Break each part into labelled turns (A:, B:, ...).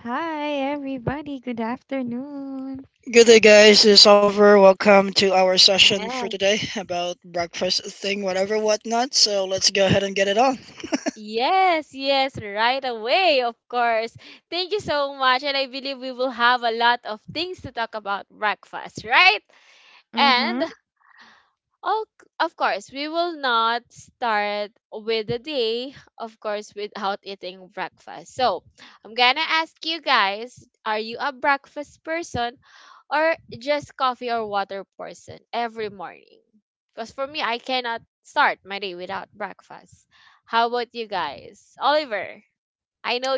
A: Hi, everybody. Good afternoon.
B: Good day, guys. It's Oliver. Welcome to our session for today about breakfast thing, whatever, whatnot. So let's go ahead and get it on.
A: Mm-hmm.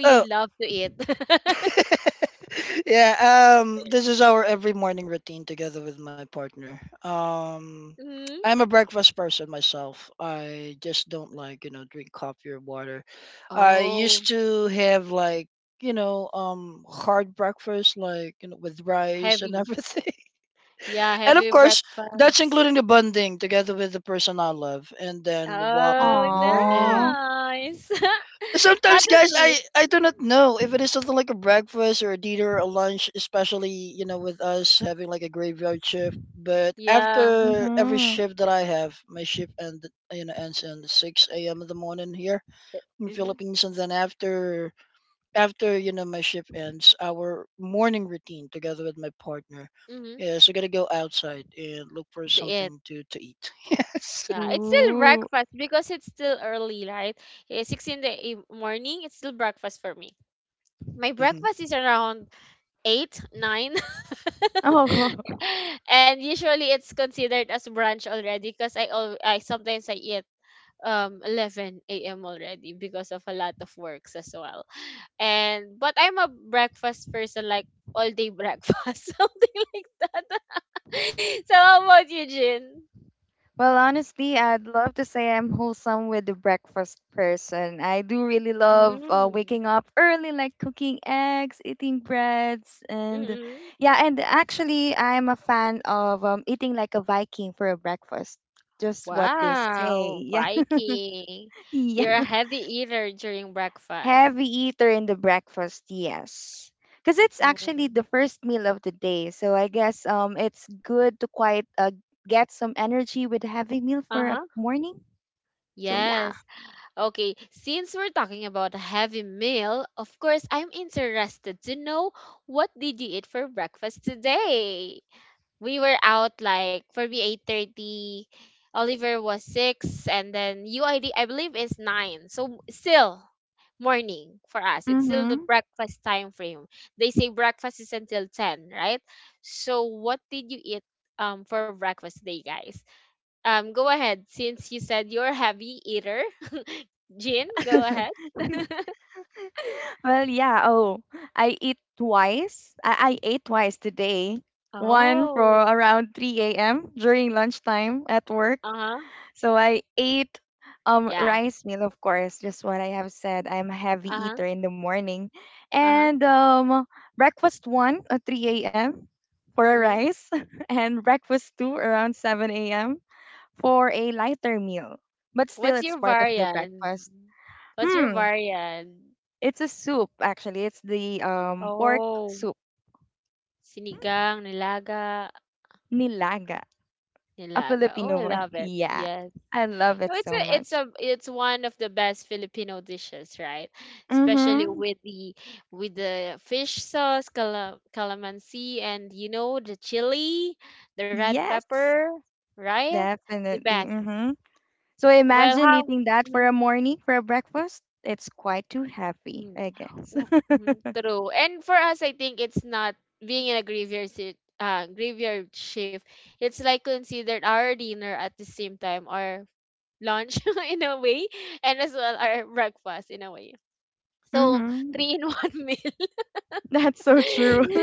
B: Oh, yeah. This is our every morning routine together with my partner. I'm a breakfast person myself. I just don't like drink coffee or water. I used to have like hard breakfast like with rice and everything. And of course, that's including the bonding together with the person I love, and then we walk in the
A: Aww.
B: morning. Sometimes, guys, I do not know if it is something like a breakfast or a dinner or lunch, especially with us having like a graveyard shift. But after every
A: Mm-hmm.
B: shift that I have, my shift ends in six a.m. in the morning here in Philippines, and then after my shift ends, our morning routine together with my partner is we're gonna go outside and look for something to eat. Yes.
A: Ooh.
B: Mhm.
A: Oh. Well, honestly, I'd love to say I'm wholesome with the breakfast person. I do really love waking up early, like cooking eggs, eating breads, and yeah, and actually, I'm a fan of eating like a Viking for a breakfast. Just what they say. Yeah. yeah. Heavy eater in the breakfast, yes. Because it's actually the first meal of the day. So I guess it's good to quite get some energy with a heavy meal for a morning. So yeah. Mm-hmm. Well, yeah. Oh, I eat twice. I ate twice today. One for around 3 a.m. during lunchtime at work. So I ate rice meal, of course, just what I have said. I'm a heavy eater in the morning. And breakfast one at 3 a.m. for a rice and breakfast two around 7 a.m. for a lighter meal. But still it's part of the breakfast. Hmm. It's a soup actually. It's the pork soup. Nilaga. A Filipino word. Yeah. I love it so much. Mm-hmm. Yes. Definitely. Mm-hmm. So imagine eating that for a morning, for a breakfast. It's quite too heavy, I guess. Mm-hmm. That's so true.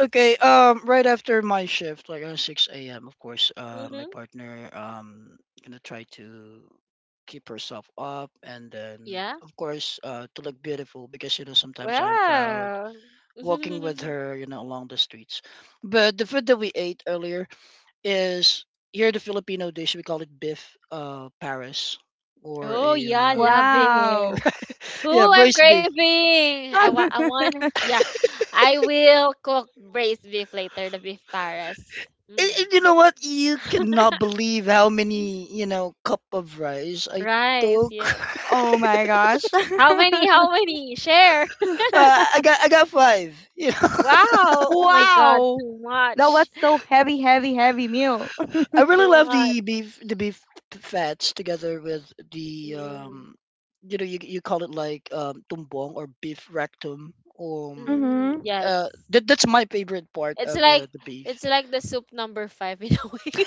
B: Okay. Right after my shift, like at six a.m. Of course, my partner gonna try to keep herself up, and then of course to look beautiful because you know sometimes I'm proud walking with her, you know, along the streets. But the food that we ate earlier is, here in the Filipino dish, we call it beef Paris or a
A: Wow.
B: yeah, braised beef. And you know what? You cannot believe how many cup of rice I took.
A: Oh my gosh.
B: I got five. You know,
A: Wow. That was so heavy, heavy, heavy meal.
B: I really love the beef fats together with the you know, you call it like tumbong or beef rectum um
A: Mm-hmm.
B: that's my favorite part of the beef.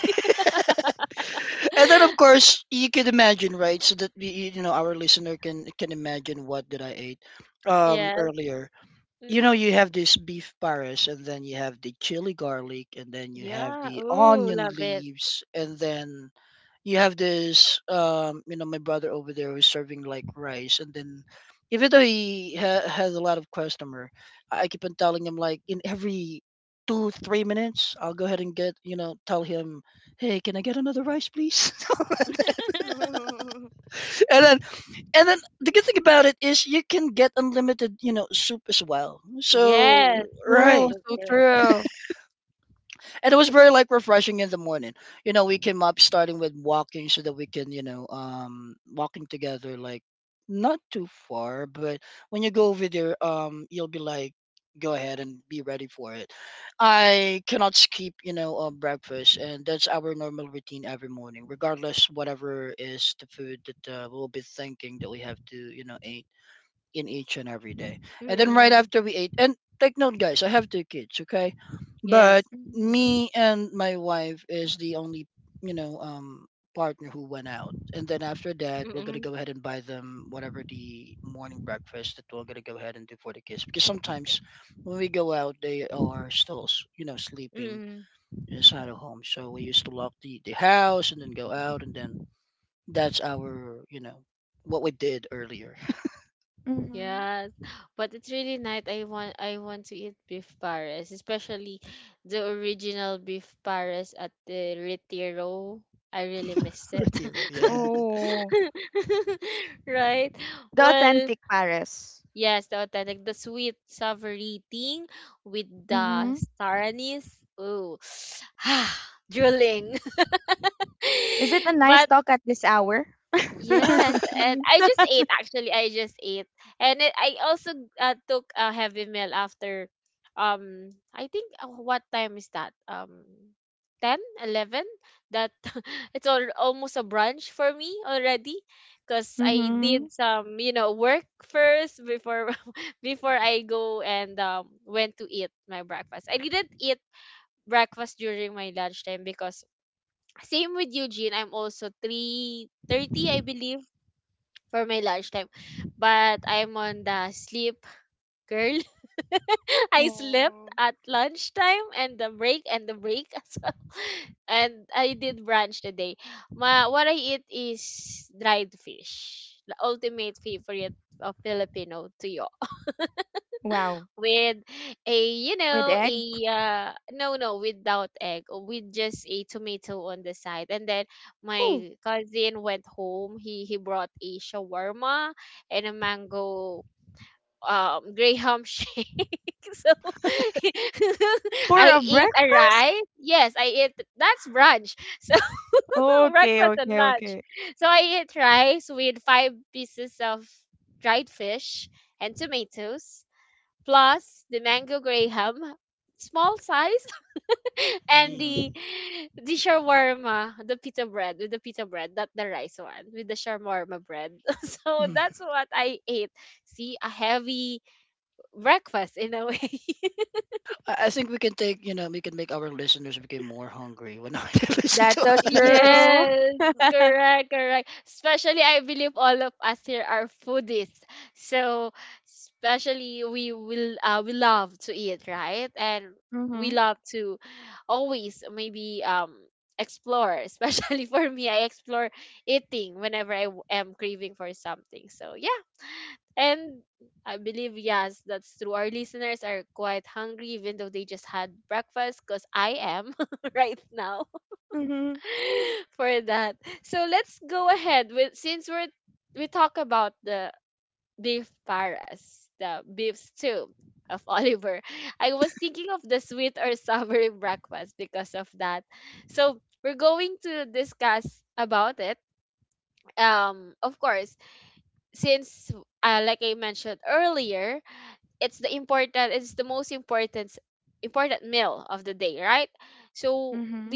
B: And then of course you can imagine, right, so that we, you know, our listener can imagine what did I ate earlier. You know, you have this beef paris and then you have the chili garlic and then you have the onion leaves and then you have this you know, my brother over there who's serving like rice, and then even though he has a lot of customer, I keep on telling him like in every 2 3 minutes I'll go ahead and get, you know, tell him, hey, can I get another rice please? And then and then the good thing about it is you can get unlimited, you know, soup as well, so
A: Oh,
B: right.
A: so true.
B: And it was very like refreshing in the morning. You know, we came up starting with walking so that we can, you know, walking together like not too far, but when you go over there, you'll be like, go ahead and be ready for it. I cannot skip, you know, breakfast, and that's our normal routine every morning regardless whatever is the food that we'll be thinking that we have to, you know, eat in each and every day. And then right after we ate, and take note, guys, I have 2 kids, okay? But
A: Mm-hmm.
B: me and my wife is the only, you know, partner who went out. And then after that, we're gonna go ahead and buy them whatever the morning breakfast that we're gonna go ahead and do for the kids. Because sometimes when we go out, they are still, you know, sleeping inside of home. So we used to lock the house and then go out, and then that's our, you know, what we did earlier.
A: Mm-hmm.
B: Retiro, yeah.
A: Oh, the authentic Paris. Mm-hmm. Is it a nice talk at this hour? Mm-hmm. Oh. Wow. With egg? Ooh, for a breakfast? Okay, okay, okay. Mhm.
B: Mm. Mm. I think we can take, you know, we can make our listeners become more hungry when they listen
A: That's so
B: to us.
A: true. Mm-hmm. Mm-hmm. Mm-hmm.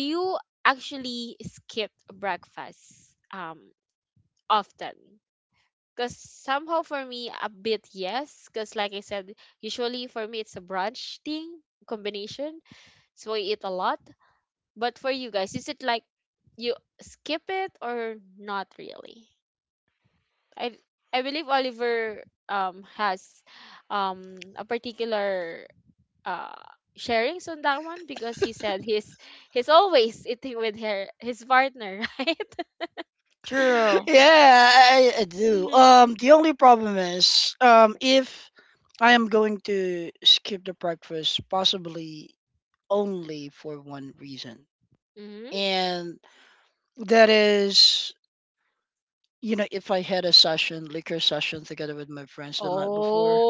A: True.
B: Yeah, I do. The only problem is, if I am going to skip the breakfast, possibly only for one reason, and that is, you know, if I had a session, liquor session, together with my friends the night before,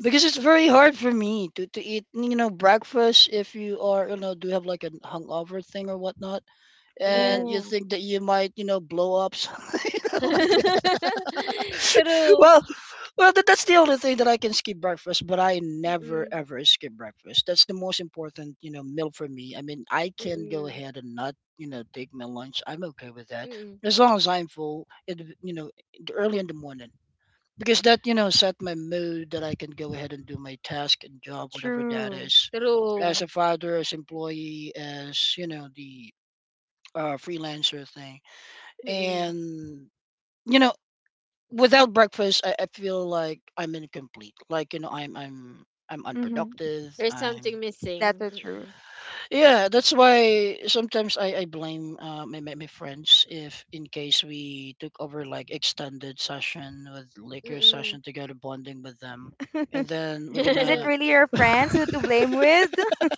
B: because it's very hard for me to eat, you know, breakfast if you are, you know, do have like a hungover thing or whatnot, and you
A: Ooh,
B: think that you might, you know, blow up something you know, like that. well well that's the only thing that I can skip breakfast, but I never ever skip breakfast. That's the most important, you know, meal for me. I mean, I can go ahead and not, you know, take my lunch. I'm okay with that, as long as I'm full it, you know, early in the morning, because that, you know, set my mood that I can go ahead and do my task and job whatever that
A: true.
B: is, as a father, as employee, as, you know, the freelancer thing, and you know, without breakfast, I feel like I'm incomplete, like you know I'm
A: Mm-hmm.
B: unproductive, I'm.
A: That's so true.
B: Yeah, that's why sometimes I blame my friends if in case we took over like extended session with liquor session together bonding with them. And then we're
A: Is it
B: gonna
A: really your friends who to blame with?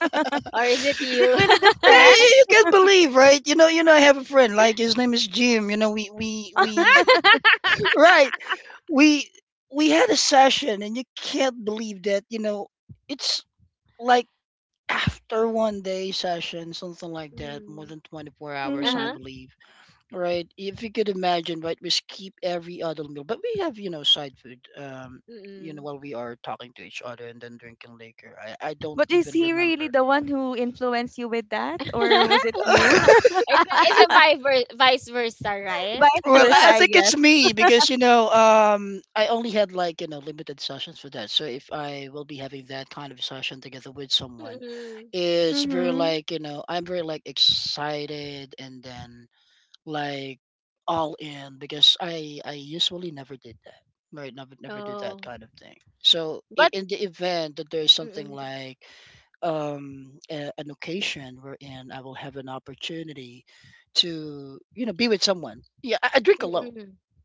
A: Is it really the
B: yeah,
A: friends?
B: yeah, you can't believe, right? You know, you know, I have a friend, like his name is Jim, you know, we right. We we had a session and you can't believe that, you know, it's like after one day session, something like that, more than 24 hours I
A: Mm-hmm.
B: believe. Right. If you could imagine, right, we skip every other meal, but we have, you know, side food. You know, while we are talking to each other and then drinking liquor. I don't
A: But is
B: even
A: he really
B: remember.
A: the one who influenced you with that, or was it you? Vice
B: Well,
A: versa,
B: I
A: I
B: think
A: guess.
B: it's me because you know, I only had like, you know, limited sessions for that. So if I will be having that kind of session together with someone, it's very
A: Mm-hmm.
B: like, you know, I'm very like excited and then like all in because I usually never did that. Right, never do that kind of thing. So in the event that there's something like a, an occasion wherein I will have an opportunity to, you know, be with someone. Yeah, I drink alone,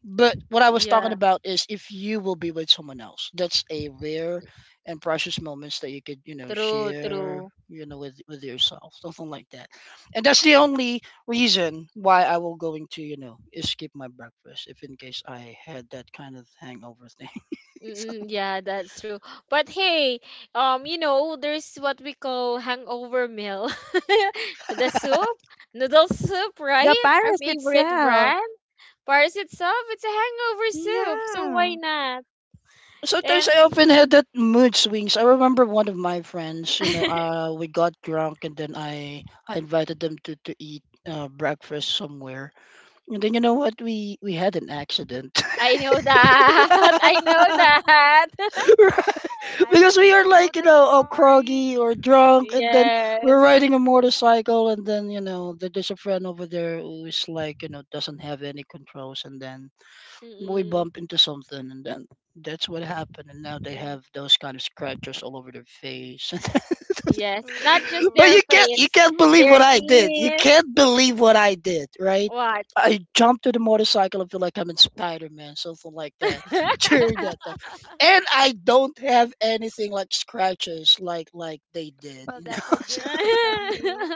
B: but what I was talking about is if you will be with someone else, that's a rare and precious moments that you could, you know, share, you know, with yourself, something like that. And that's the only reason why I will going to, you know, skip my breakfast if in case I had that kind of hangover thing. So,
A: The Paris itself. Yeah.
B: sometimes I often had that mood swings. I remember one of my friends, you know, we got drunk and then I invited them to eat breakfast somewhere. And then you know what? We had an accident. Right.
A: I
B: Because
A: bet
B: we
A: we
B: are
A: all know
B: like, you
A: that
B: know, all
A: story.
B: groggy or drunk, and then we're riding a motorcycle, and then, you know, there's a friend over there who's like, you know, doesn't have any controls, and then we bump into something, and then that's what happened, and now they have those kind of scratches all over their face. But
A: True.
B: you can't believe what I did. You can't believe what I did, right? I jumped to the motorcycle and feel like I'm in Spider Man, something like that. During that time. And I don't have anything like scratches like they did,
A: Well,
B: you know.
A: that's a
B: So,
A: good fate of you.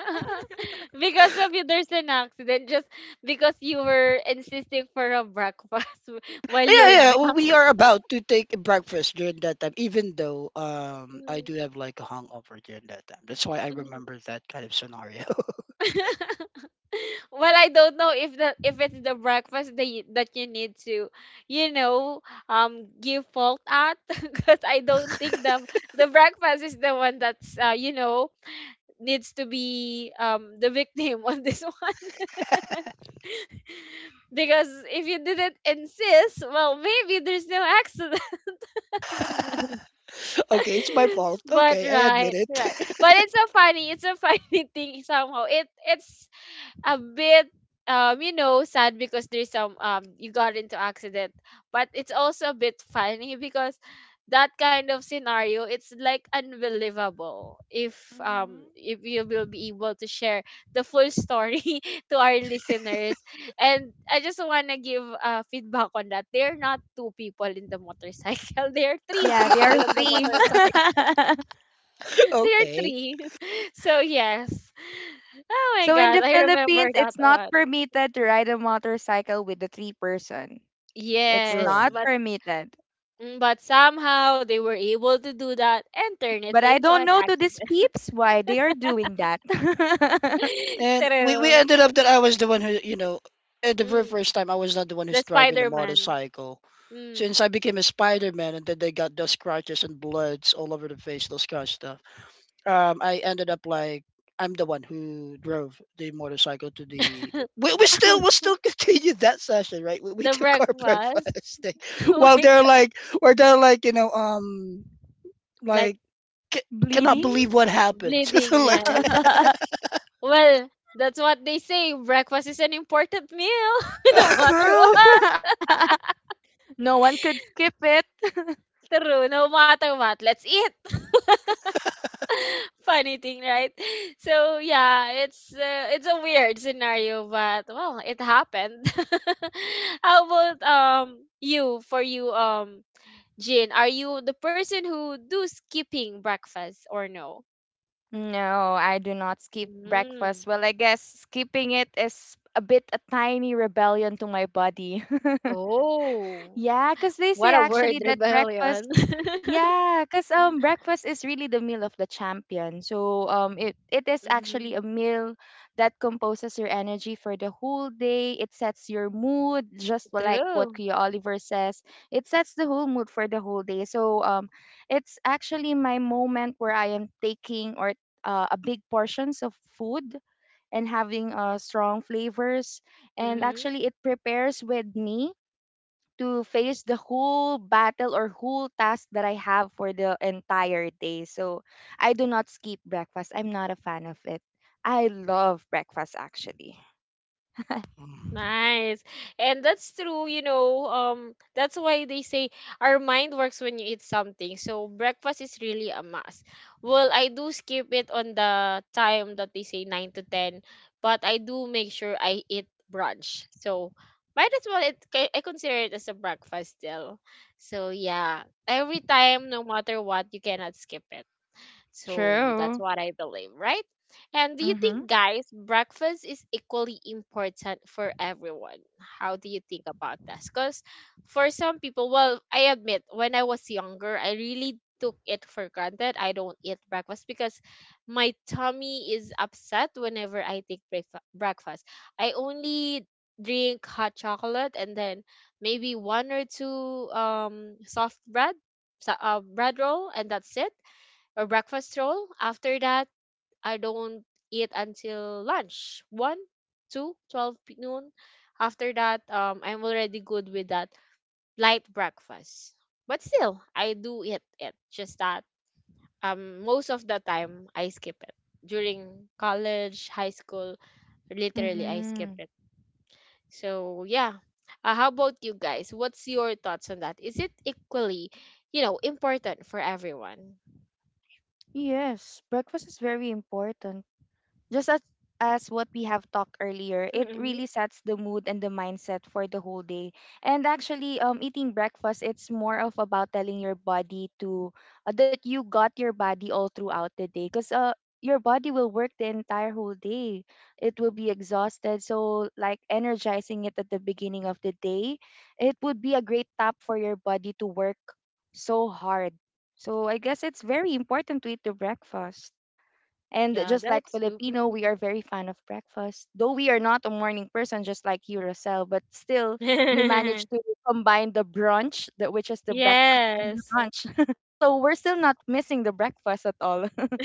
B: yeah, yeah. We are about to take a breakfast during that time, even though I do have like a hangover during that time. That's why I remember that kind of scenario.
A: Hmm.
B: Okay, it's my fault. Okay, I admit it.
A: Yeah, there are three.
B: Okay.
A: So in the Philippines, it's not permitted to ride a motorcycle with a three person. It's not
B: Right.
A: permitted. But I don't know to these peeps why they are doing that.
B: And we ended up that I was the one who, you know, at the very first time, I was not the one who's driving the motorcycle. Since I became a Spider Man and then they got those scratches and bloods all over the face, those kind of stuff, I ended up like, I'm the one who drove the motorcycle to the. We, we still we still continued that session, right? We took our breakfast thing. While they're like, where they're like, you know, like cannot
A: Bleeding?
B: believe what happened, something like that.
A: True. No one could skip it. No, I do not skip breakfast. Well, I guess skipping it is a bit a tiny rebellion to my body. Yeah, because they say actually that breakfast, yeah, because breakfast is really the meal of the champion. So it is actually a meal that composes your energy for the whole day. It sets your mood, just like what Kuya Oliver says. It sets the whole mood for the whole day. So it's actually my moment where I am taking or a big portions of food and having strong flavors and actually it prepares with me to face the whole battle or whole task that I have for the entire day. So I do not skip breakfast. I'm not a fan of it. I love breakfast actually. True. Mm-hmm. Mm-hmm. Yes, breakfast is very important. Just as what we have talked earlier, it really sets the mood and the mindset for the whole day. And actually, eating breakfast, it's more of about telling your body to that you got your body all throughout the day, because your body will work the entire whole day. It will be exhausted, so like energizing it at the beginning of the day, it would be a great tap for your body to work so hard. So I guess it's very important to eat the breakfast. And just like Filipino, we are very fan of breakfast. Though we are not a morning person, just like you, Rosel, but still you manage to combine the brunch, the, which is the breakfast and the lunch. So we're still not missing the breakfast at all.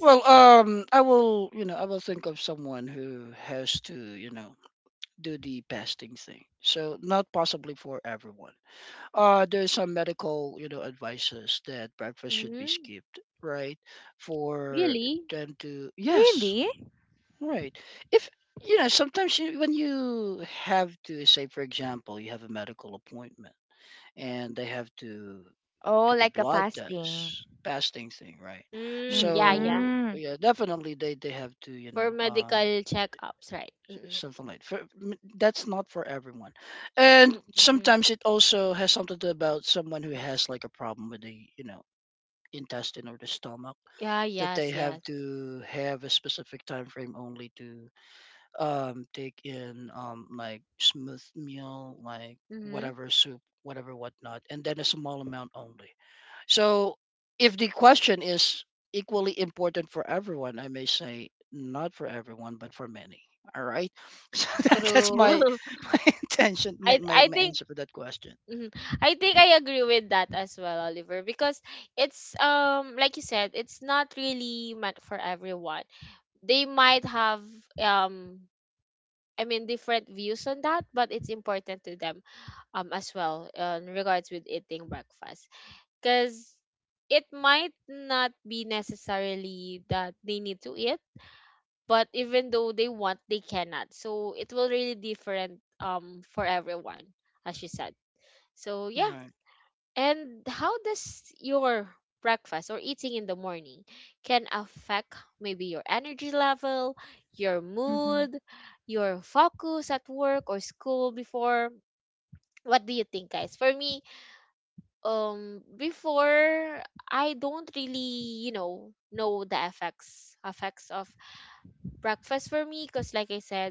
B: Well, I will, you know, I will think of someone who has to, you know, do the fasting thing. So not possibly for everyone. There's some medical, you know, advices that breakfast should be skipped, right? For them to, yes,
A: Really?
B: right. If you know, sometimes you, when you have to say, for example, you have a medical appointment and they have to
A: Oh,
B: took a
A: like a
B: blood
A: fasting.
B: test, fasting thing, right? So
A: Mm-hmm.
B: yeah, definitely they have to something like that's not for everyone, and sometimes it also has something to about someone who has like a problem with the you know intestine or the stomach that they have to have a specific time frame only to take in like smooth meal like whatever soup whatever whatnot and then a small amount only, so if the question is equally important for everyone, I may say not for everyone, but for many. All right. So that's my my intention, my answer for that question. All right.
A: Mm-hmm.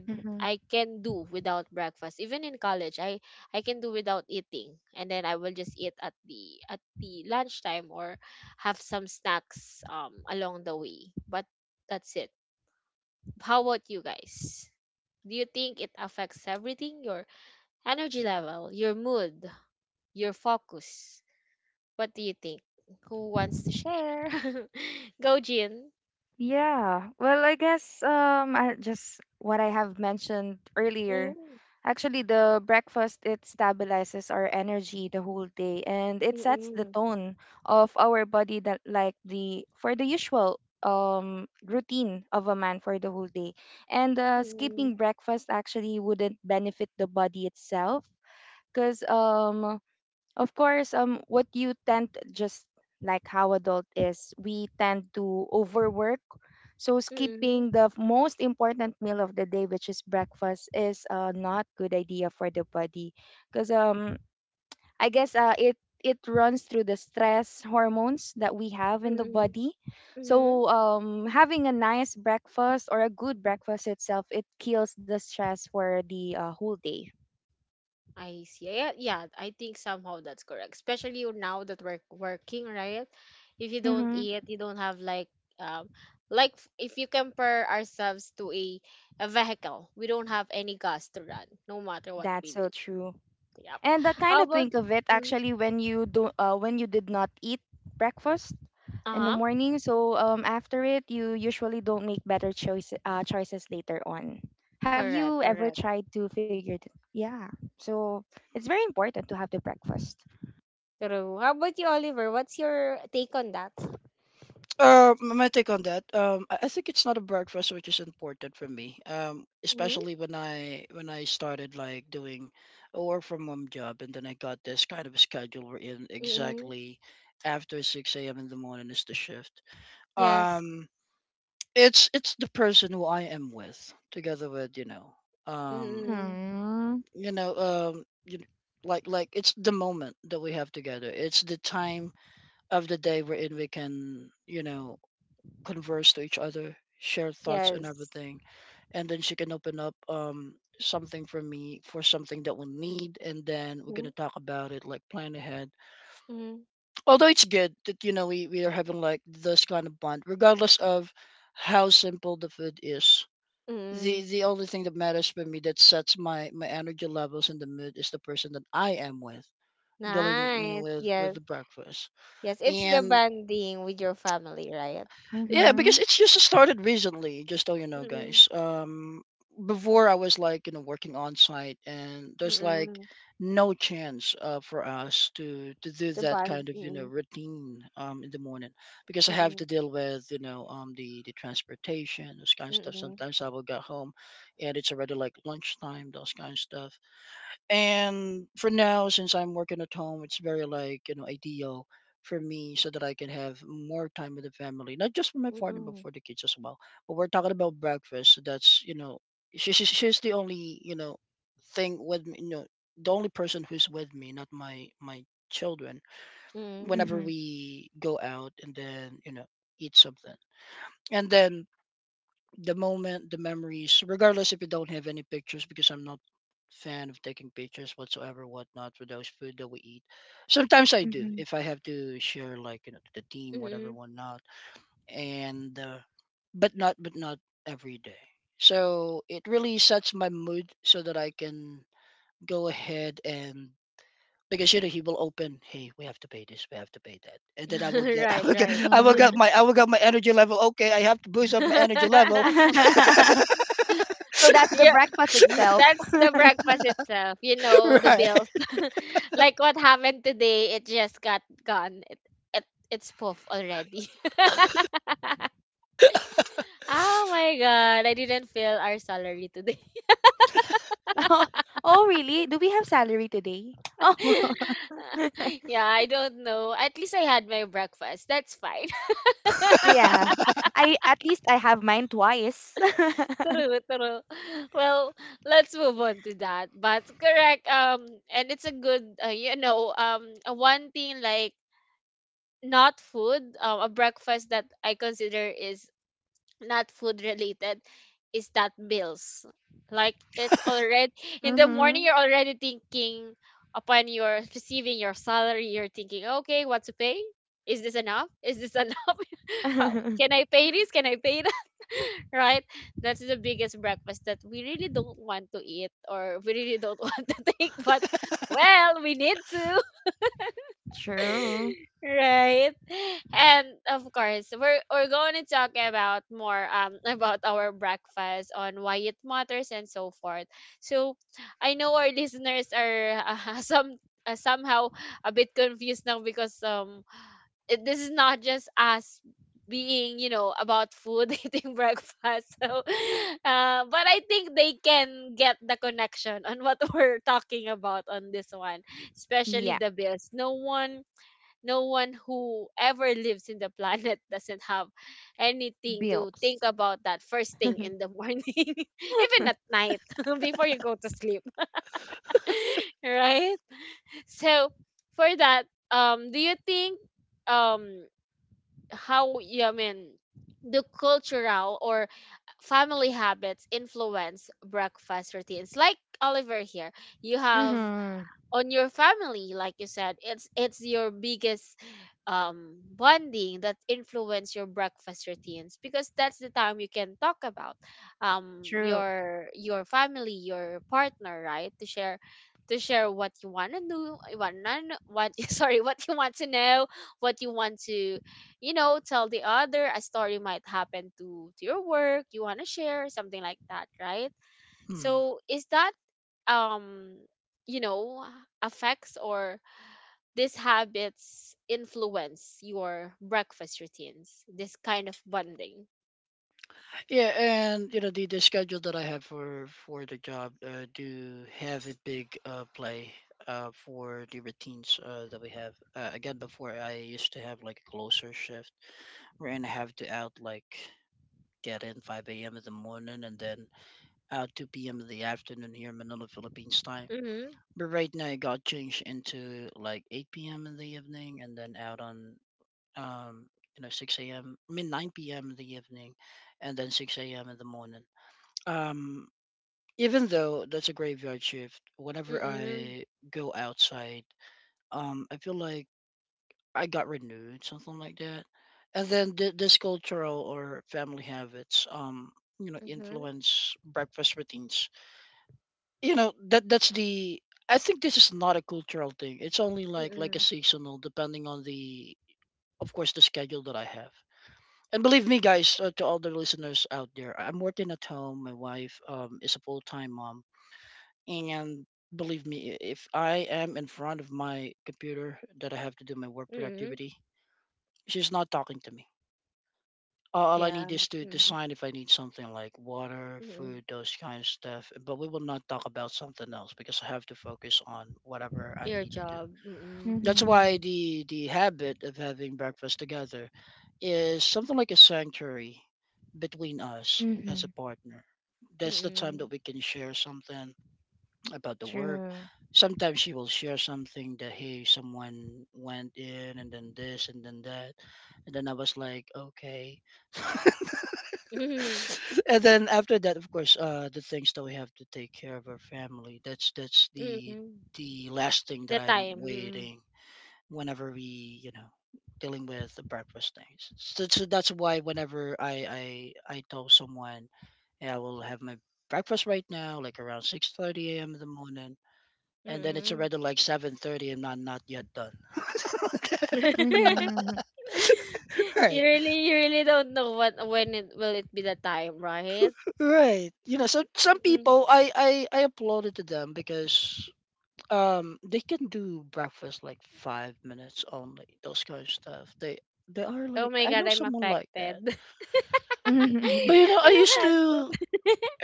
A: Mm-hmm. Yeah. Well, I guess I just what I have mentioned earlier. Actually, the breakfast it stabilizes our energy the whole day and it sets the tone of our body that like the for the usual routine of a man for the whole day. And skipping breakfast actually wouldn't benefit the body itself because of course, what you tend just like how adult is, we tend to overwork. So skipping the most important meal of the day, which is breakfast, is not good idea for the body, because I guess it runs through the stress hormones that we have in the body. So having a nice breakfast or a good breakfast itself, it kills the stress for the whole day. Mm-hmm. That's so true. And I kind of think of it actually when you did not eat breakfast in the morning. So after it, you usually don't make better choices later on. Have you ever tried to figure it? Yeah. So it's very important to have the breakfast.
B: My take on that. I think it's not a breakfast, which is important for me. Especially when I started like doing a work from home job, and then I got this kind of a schedule where in exactly after six a.m. in the morning is the shift. Um, it's the person who I am with, together with um,
A: Mm-hmm.
B: you know, um, you kn- like it's the moment that we have together. It's the time of the day wherein we can you know converse to each other, share thoughts and everything, and then she can open up something for me for something that we need, and then we're gonna talk about it, like plan ahead. Although it's good that you know we are having like this kind of bond, regardless of how simple the food is. The only thing that matters for me that sets my energy levels and the mood is the person that I am with, dealing you know with the breakfast. And yeah,
A: Mm-hmm.
B: because it's just started recently, just so you know, guys. Before I was like, you know, working on site, and there's like no chance for us to do that kind of you know routine in the morning because I have to deal with you know the transportation, those kind of stuff. Sometimes I will get home, and it's already like lunchtime, those kind of stuff. And for now, since I'm working at home, it's very like, you know, ideal for me so that I can have more time with the family, not just for my partner, but for the kids as well. But we're talking about breakfast. So that's, you know, she's the only, you know, thing with me, you know, the only person who's with me, not my children, whenever
A: Mm-hmm.
B: we go out and then, you know, eat something. And then the moment, the memories, regardless if you don't have any pictures, because I'm not fan of taking pictures whatsoever, whatnot for those food that we eat. Sometimes I do
A: Mm-hmm.
B: if I have to share, like you know, to the team, whatever, whatnot, and but not every day. So it really sets my mood so that I can go ahead and because you know he will open. Hey, we have to pay this. We have to pay that, and then
A: Mm-hmm.
B: I will get my energy level. Okay, I have to boost up my energy level.
A: So that's the breakfast itself.
B: right.
A: Oh, oh really? Do we have salary today? Oh. Yeah. I at least I have mine twice. Mm-hmm. True. Yeah, bills. Mm-hmm. True.
B: Hmm. Yeah, and you know the schedule that I have for the job do have a big play for the routines that we have. Again, before I used to have like a closer shift, wherein I have to out like get in 5 a.m. in the morning and then out 2 p.m. in the afternoon here in Manila, Philippines time. But right now it got changed into like 8 p.m. in the evening and then out on um, you know, 6 a.m., I mean, 9 p.m. in the evening, and then 6 a.m. in the morning. Um, even though that's a graveyard shift, whenever I go outside, I feel like I got renewed, something like that. And then this cultural or family habits, you know, influence breakfast routines. You know, that that's the. I think this is not a cultural thing. It's only like a seasonal, depending on the, of course, the schedule that I have. And believe me, guys, to all the listeners out there, I'm working at home. My wife is a full time mom. And believe me, if I am in front of my computer that I have to do my work productivity, she's not talking to me. All I need is to, sign if I need something like water, food, those kind of stuff. But we will not talk about something else because I have to focus on whatever I need to do. That's
A: Mm-hmm.
B: why the habit of having breakfast together is something like a sanctuary between us as
A: Mm-hmm.
B: a partner. That's the time that we can share something about the work.
A: True.
B: Sometimes she will share something that hey, someone went in and then this and then that. And then I was like, okay. And then after that, of course, the things that we have to take care of our family. That's the last thing that I'm waiting whenever we you know dealing with the breakfast things, so, so that's why whenever I tell someone, "Hey, I will have my breakfast right now like around 6:30 a.m in the morning and then it's already like 7:30 and I'm not yet done."
A: Mm-hmm.
B: Right. Right, you know, so some people i applaud it to them because they can do breakfast like 5 minutes only, those kind of stuff. They are like, I know someone like that. But
A: Mm-hmm.
B: you know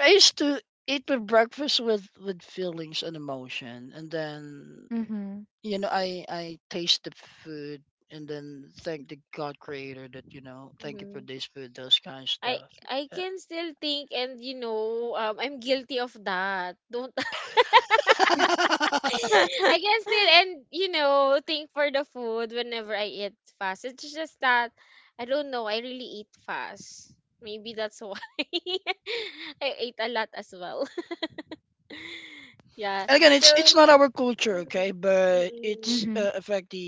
B: I used to eat my breakfast with feelings and emotion, and then
A: Mm-hmm.
B: you know I taste the food, and then thank the God Creator that you know thank you for this food, those kind of stuff. And again, it's not our culture, okay, but it's
A: Mm-hmm.
B: affect the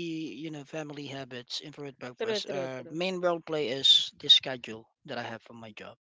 B: you know family habits, infrared breakfast. Main role play is the schedule that I have for my job.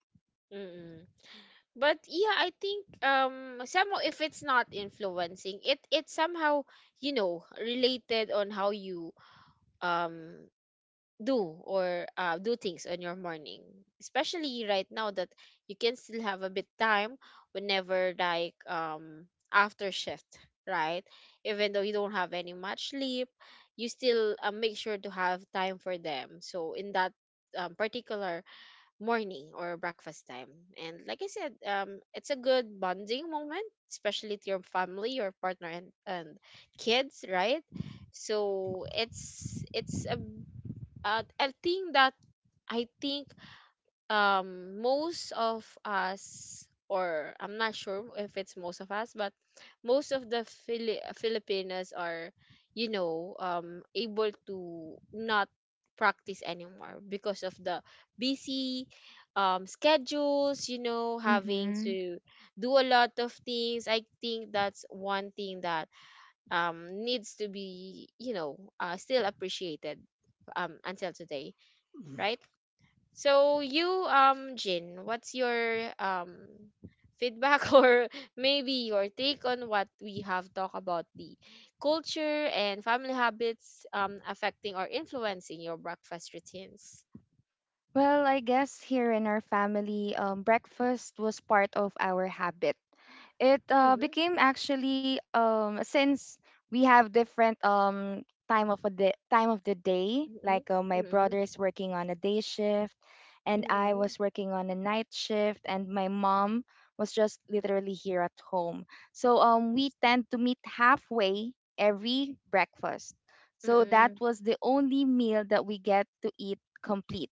A: Mm-hmm.
B: Mm-hmm.
A: Well, I guess here in our family, breakfast was part of our habit. It became actually since we have different time of the day. Like my brother is working on a day shift, and I was working on a night shift, and my mom was just literally here at home. So we tend to meet halfway every breakfast. So that was the only meal that we get to eat complete.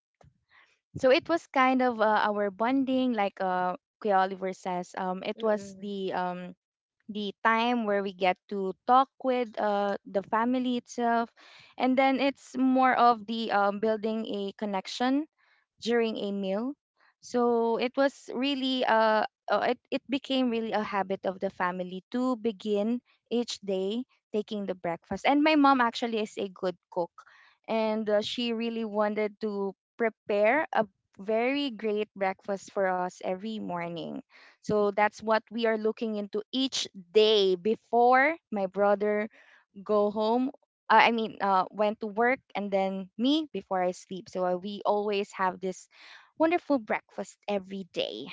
A: So it was kind of our bonding, like Kuya Oliver says. It was the time where we get to talk with the family itself and then it's more of the building a connection during a meal. So it was really it became really a habit of the family to begin each day taking the breakfast. And my mom actually is a good cook and she really wanted to prepare a very great breakfast for us every morning. So that's what we are looking into each day before my brother go home. I mean, went to work and then me before I sleep. So we always have this wonderful breakfast every day.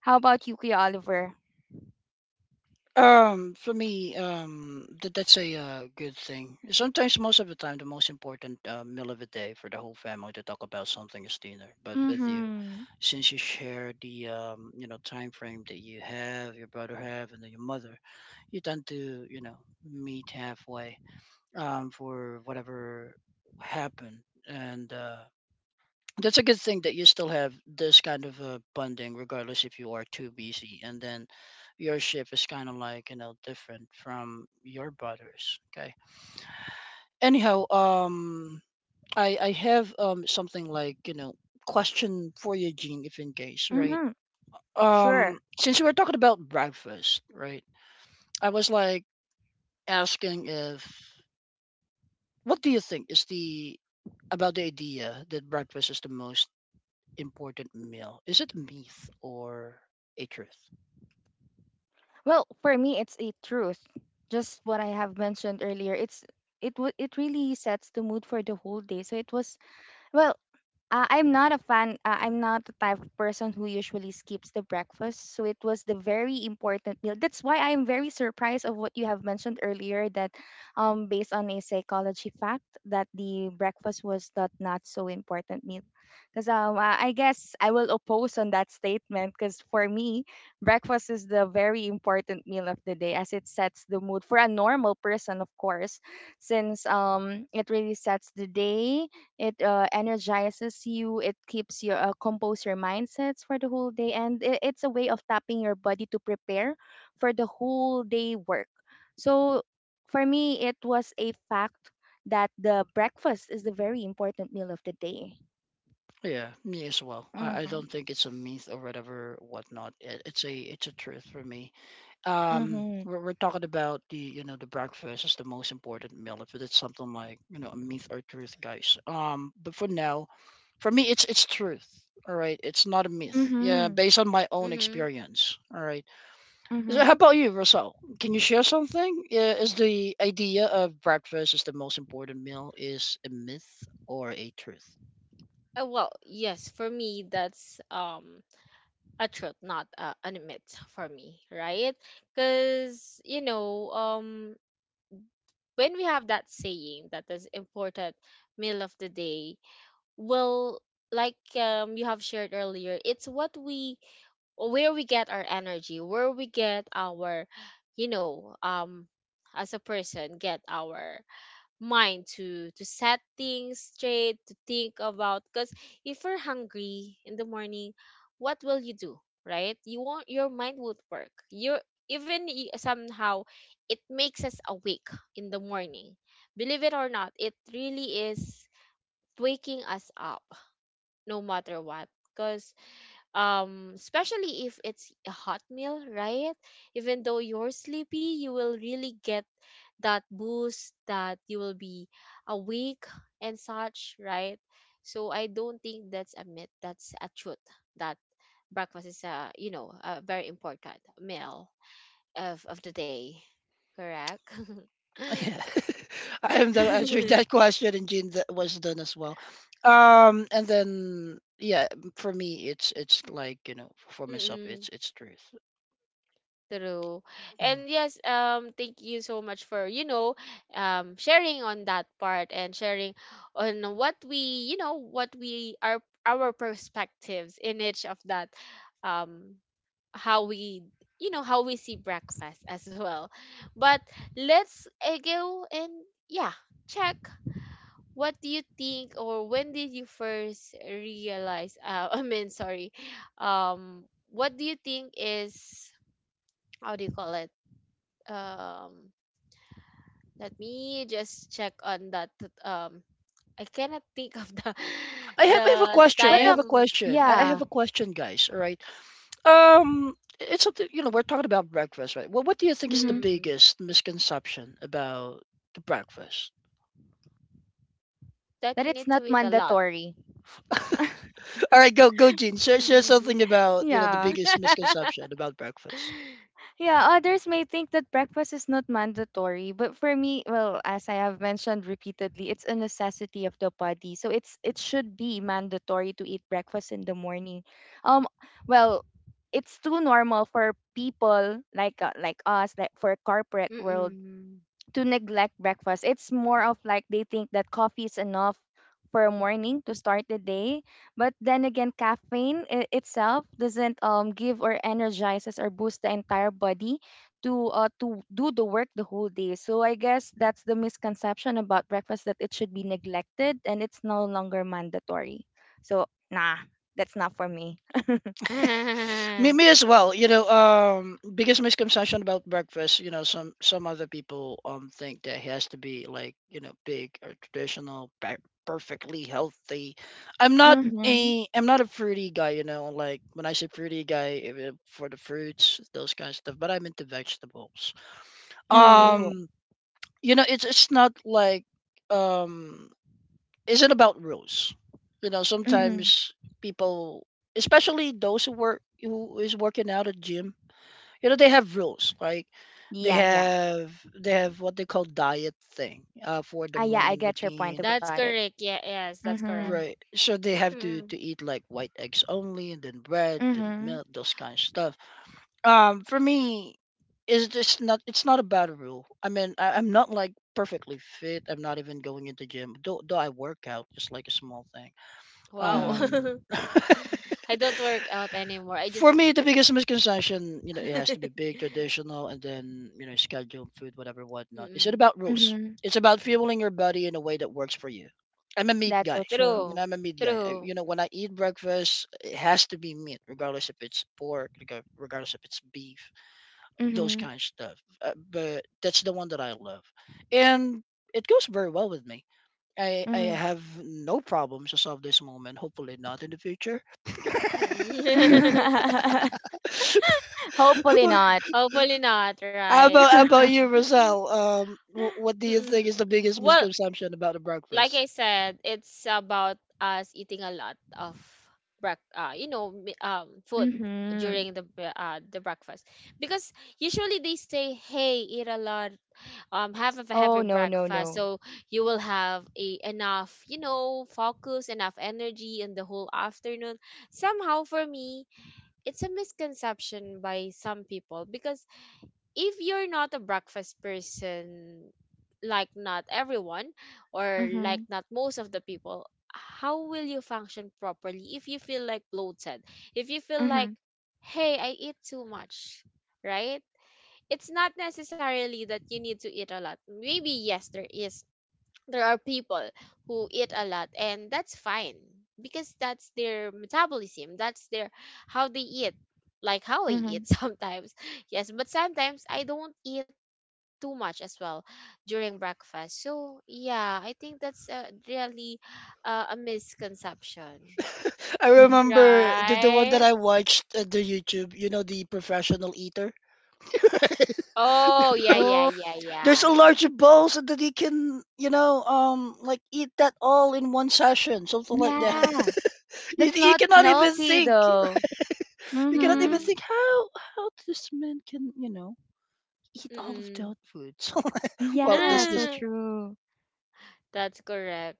A: How about you, Kuya Oliver?
B: For me, that that's a good thing. Sometimes, most of the time, the most important meal of the day for the whole family to talk about something is dinner. But with you,
A: Mm-hmm.
B: since you share the you know, time frame that you have, your brother have, and then your mother, you tend to you know meet halfway for whatever happened and. That's a good thing that you still have this kind of bonding, regardless if you are too busy. And then your ship is kind of like, you know, different from your brothers. Okay. Anyhow, I have something like, you know, question for you, Gene, if in case, right?
A: Mm-hmm. Sure.
B: Since we were talking about breakfast, right? I was like asking if, what do you think is about the idea that breakfast is the most important meal? Is it a myth or a truth?
A: Well, for me, it's a truth. Just what I have mentioned earlier. It really sets the mood for the whole day. So it was well. I'm not a fan. I'm not the type of person who usually skips the breakfast. So it was the very important meal. That's why I'm very surprised of what you have mentioned earlier that, based on a psychology fact, that the breakfast was that not so important meal. Because I guess I will oppose on that statement. Because for me, breakfast is the very important meal of the day as it sets the mood for a normal person, of course, since it really sets the day. It energizes you. It keeps your compose your mindsets for the whole day, and it's a way of tapping your body to prepare for the whole day work. So for me, it was a fact that the breakfast is the very important meal of the day.
B: Yeah, me as well. I
A: Mm-hmm.
B: don't think it's a myth or whatever whatnot. It's a truth for me.
A: Mm-hmm.
B: We're talking about the you know the breakfast is the most important meal. If it's something like you know a myth or truth, guys. But for now, for me, it's truth. All right, it's not a myth. Yeah,
A: Mm-hmm.
B: based on my own
C: Mm-hmm.
B: experience. All right. So
A: Mm-hmm.
B: how about you, Russell? Can you share something? Is the idea of breakfast is the most important meal is a myth or a truth?
C: Yes, for me, that's a truth, not an myth for me, right? Because, you know, when we have that saying that is important meal of the day, well, like you have shared earlier, it's what we where we get our energy, where we get our, you know, um as a person get our mind to set things straight to think about because if you're hungry in the morning, what will you do? Right, you won't, your mind won't work. You even somehow it makes us awake in the morning, believe it or not. It really is waking us up no matter what because especially if it's a hot meal, right? Even though you're sleepy, you will really get that boost, that you will be awake and such, right? So I don't think that's a myth. That's a truth, that breakfast is a, you know, a very important meal of the day. Correct.
B: Yeah, I am done answering that question, and Jean that was done as well. And then yeah, for me, it's like you know, for myself,
C: Mm-mm.
B: it's truth.
C: True. And
B: Mm.
C: yes, thank you so much for, you know, sharing on that part and sharing on you know, what we are, our perspectives in each of that, um, how we, you know, how we see breakfast as well. But let's go and yeah, check what do you think or when did you first realize, I mean, sorry, um, what do you think is, how do you call it? um Let me just check on that I cannot think of the
B: I have a
C: the
B: question. I
A: But
B: have a
C: time.
B: question. I have
C: mm,
A: yeah,
B: a question, guys. All right. Um, it's something you know. We're talking about breakfast, right? Well, what do you think is the
A: mm-hmm.
C: mm,
B: biggest misconception about the breakfast?
C: that
A: That
C: you
A: it's
C: need
A: not
C: to eat a lot.
A: mandatory.
B: All right, go, Gene. Share something about you know the
A: Yeah.
B: biggest misconception about breakfast.
A: Yeah, others may think that breakfast is not mandatory, but for me, well, as I have mentioned repeatedly, it's a necessity of the body. So it's it should be mandatory to eat breakfast in the morning. Um well, it's too normal for people like us, like for corporate world
C: Mm-mm.
A: to neglect breakfast. It's more of like they think that coffee is enough for a morning to start the day. But then again, caffeine itself doesn't give or energizes or boost the entire body to do the work the whole day. So I guess that's the misconception about breakfast that it should be neglected and it's no longer mandatory. So nah, that's not for me.
B: Me as well. You know, biggest misconception about breakfast. You know, some other people think that it has to be like you know big or traditional, perfectly healthy. I'm not
A: Mm-hmm.
B: I'm not a fruity guy. You know, like when I say fruity guy, if it- for the fruits, those kind of stuff. But I'm into vegetables.
A: Ooh.
C: Mm.
B: Um, you know, it's not like um, is it about rules? You know,
A: Mm-hmm.
B: sometimes people, especially those who work who is working out at gym you know they have rules like they
A: Yeah, yeah.
B: have they have what they call diet thing for the
A: Ah, yeah, I
B: morning
A: get your point
B: routine
A: about
C: That's
A: it.
C: correct. Yeah, yes, that's
A: Mm-hmm.
C: correct.
B: right. So they have to
C: Mm.
B: to eat like white eggs only and then bread and
A: Mm-hmm.
B: milk those kind of stuff. For me is just not it's not a bad rule. I mean I'm not like perfectly fit, I'm not even going into gym though I work out just like a small thing.
C: Wow.
A: Mhm,
B: um
C: I don't work out anymore. I
B: For
C: just
B: me,
C: eat.
B: the biggest misconception, you know, it has to be big, traditional, and then you know, scheduled food, whatever, whatnot. Is it
C: Mm-mm.
B: about rules?
A: mhm.
B: It's about fueling your body in a way that works for you. I'm a meat
A: That's so
B: guy.
A: true.
B: You know,
C: True.
B: I'm a meat guy. I, you
C: True.
B: know, when I eat breakfast, it has to be meat, regardless if it's pork, regardless if it's beef, those
A: Mhm,
B: kind of stuff. But that's the one that I love, and it goes very well with me. I
A: mhm.
B: have no problems as of this moment. Hopefully, not in the future.
C: Mm-mm.
A: Hopefully not.
C: Hopefully not,
B: How
C: right?
B: about how about
C: Nah.
B: you, Rosal? What do you
C: Mm-mm.
B: think is the biggest
C: Well,
B: misconception about the
C: like I
B: breakfast?
C: said, it's about us eating a lot of break you know, food
A: Mhm.
C: during the the breakfast. Because usually they say, "Hey, eat a lot. Um, have a heavy
A: Oh, no, no,
C: breakfast
A: no.
C: so you will have a enough, you know, focus, enough energy in the whole afternoon." Somehow for me, it's a misconception by some people because if you're not a breakfast person, like not everyone, or like
A: Mhm,
C: not most of the people, how will you function properly if you feel like bloated, if you feel like,
A: mhm,
C: hey, I eat too much, right? It's not necessarily that you need to eat a lot. Maybe yes, there is, there are people who eat a lot, and that's fine, because that's their metabolism, that's their how they eat, like how I
A: mhm,
C: eat sometimes. Yes, but sometimes I don't eat too much as well during breakfast. So yeah, I think that's really a misconception,
B: I
A: mhm.
B: remember the one that
C: right?
B: I watched at the YouTube. You know, the professional eater.
C: Oh yeah, yeah,
A: Oh,
C: yeah,
B: There's a
C: yeah.
B: large bowl so that he can, you know, like eat that all in one session, something like that.
C: mm
A: yeah.
B: you,
A: That's
B: you
A: not
B: cannot even
A: healthy
B: think.
A: though.
B: You cannot even
A: Mhm.
C: mm
B: think how this man can, you know, eat all of
C: mm
B: that food. Well,
A: Yeah,
B: that's
A: so
B: just
C: mm
A: true.
C: That's correct.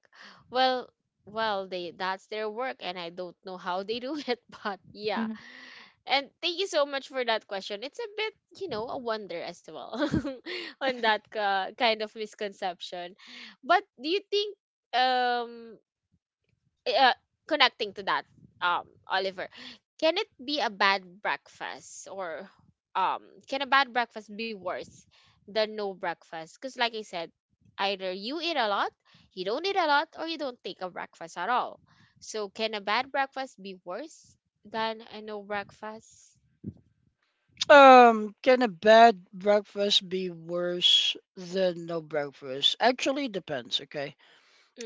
C: Well, they, that's their work, and I don't know how they do it, but yeah.
A: Mhm,
C: And thank you so much for that question. It's a bit, you know, a wonder as well on that kind of misconception. But do you think um uh, connecting to that, Oliver, can it be a bad breakfast or um, can a bad breakfast be worse than no breakfast? Because, like I said, either you eat a lot, you don't eat a lot, or you don't take a breakfast at all. So, can a bad breakfast be worse than a no breakfast?
B: Can a bad breakfast be worse than no breakfast? Actually, depends. Okay,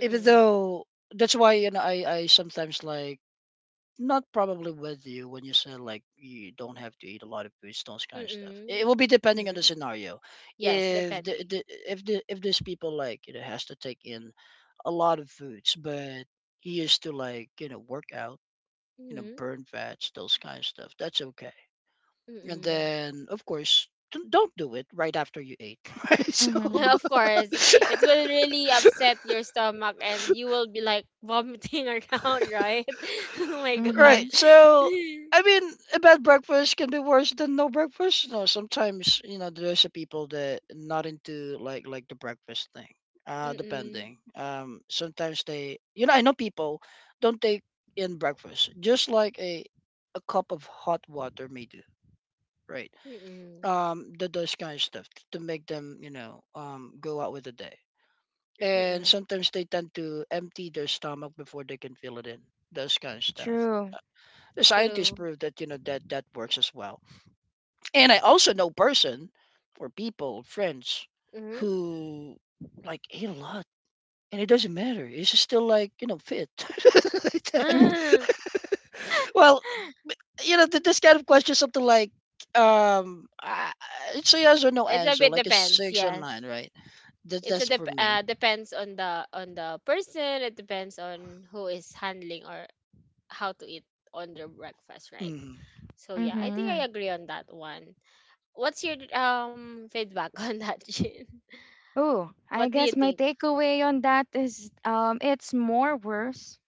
B: even though that's why you know I sometimes like not probably with you when you said like you don't have to eat a lot of foods, those kind of stuff. It
C: Mm-mm.
B: will be depending on the
C: Mm-hmm.
B: scenario.
C: Yes,
B: If the,
C: depending.
B: the if the if there's people like you know has to take in a lot of foods, but he used to like you know work out, you know
C: Mm-hmm.
B: burn fats, those kind of stuff. That's okay. And
C: Mm-mm.
B: then, of course, don't do it right after you ate. Right? So,
A: mhm,
C: Of course, it will really upset your stomach and you will be like vomiting around, right? Oh my
B: right.
C: God.
A: mhm.
B: So, I mean, a bad breakfast can be worse than no breakfast. No, sometimes you know there's a people that not into like the breakfast thing.
C: Mm-mm.
B: Depending. Sometimes they, you know, I know people don't take in breakfast, just like a cup of hot water may do. Right.
C: Mm-mm.
B: The those kind of stuff to make them, you know, go out with the day. And
C: Mm-mm.
B: sometimes they tend to empty their stomach before they can fill it in. Those kind of stuff.
A: True.
B: The scientists
C: True.
B: prove that you know that that works as well. And I also know person or people, friends,
C: Mm-hmm.
B: who like ate a lot. And it doesn't matter. It's just still like, you know, fit. Like that. Well, you know, this kind of question, something like, um, I, I- it's a yes or no
C: It's a bit
B: answer, like a
C: depends,
B: six or
C: yes.
B: nine, right? That,
C: It's a
B: that's for me.
C: depends on the person. It depends on who is handling or how to eat on their breakfast, right?
B: Mhm.
C: So yeah, I think
A: Mm-hmm.
C: I agree on that one. What's your feedback on that, Jin?
A: Oh,
C: What
A: I
C: do you
A: guess my
C: think?
A: takeaway on that is it's more worse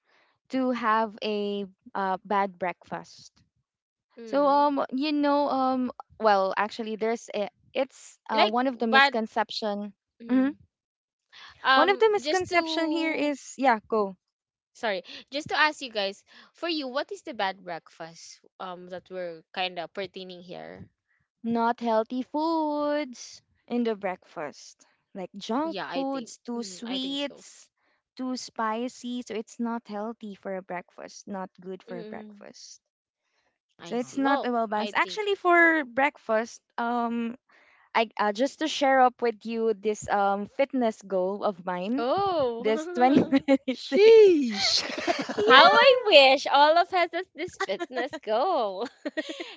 A: to have a bad breakfast. So
C: Mm.
A: um you know um well actually there's a, it's
C: Like,
A: one of the
C: but
A: misconception. Mhm.
C: mm.
A: One of the
C: Just
A: misconception here
C: to
A: is yeah go
C: sorry, just to ask you guys, for you, what is the bad breakfast that we're kind of pertaining here?
A: not healthy foods in the breakfast like junk
C: Yeah, I think.
A: foods too
C: Mm, I think so.
A: sweets too spicy so it's not healthy for a breakfast not good for a
C: Mm,
A: breakfast so
C: I
A: it's
C: see.
A: not
C: Well,
A: a well balanced
C: I think.
A: actually for breakfast I just to share up with you this fitness goal of mine
C: Oh.
A: this 2026.
B: Sheesh.
C: How I
A: yeah.
C: wish all of us has this fitness goal.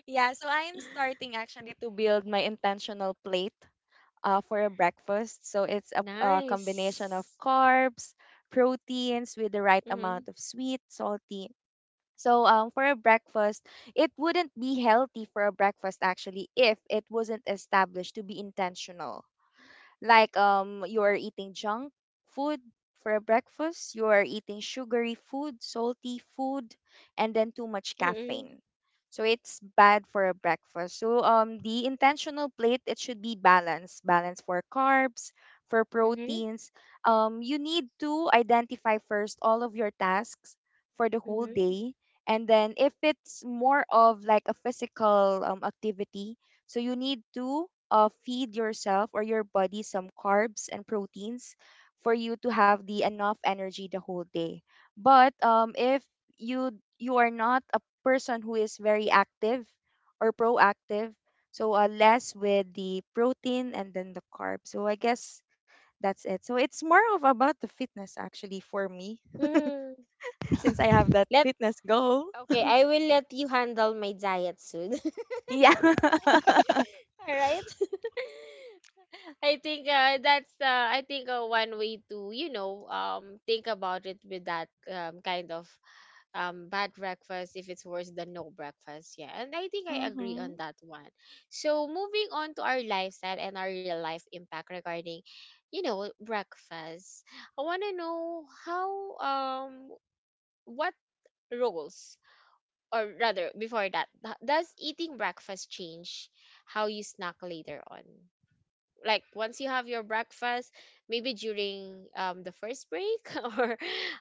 A: Yeah, so I am starting actually to build my intentional plate for a breakfast. So it's a combination of
C: Nice.
A: carbs, proteins with the right amount
C: Mm,
A: of sweet, salty. So for a breakfast, it wouldn't be healthy for a breakfast actually if it wasn't established to be intentional. Like you are eating junk food for breakfast, you are eating sugary food, salty food, and then too much
C: mm, mm,
A: caffeine. So it's bad for a breakfast. So the intentional plate it should be balanced, balance for carbs, for
C: mm,
A: proteins. You need to identify first all of your tasks for the whole
C: mm,
A: day, and then if it's more of like a physical activity, so you need to feed yourself or your body some carbs and proteins for you to have the enough energy the whole day. But if you you are not a person who is very active or proactive, so less with the protein and then the carbs. So I guess that's it. So it's more of about the fitness actually for me
C: Hmm.
A: since I have that
C: Let
A: fitness goal.
C: Okay, I will let you handle my diet soon.
A: Yeah.
C: All right. I think that's I think one way to, you know, think about it, with that kind of bad breakfast, if it's worse than no breakfast. Yeah, and I think I agree
A: mhm.
C: on that one. So moving on to our lifestyle and our real life impact regarding, you know, breakfast, I want to know how, um, what roles, or rather before that, does eating breakfast change how you snack later on? Like once you have your breakfast, maybe during the first break or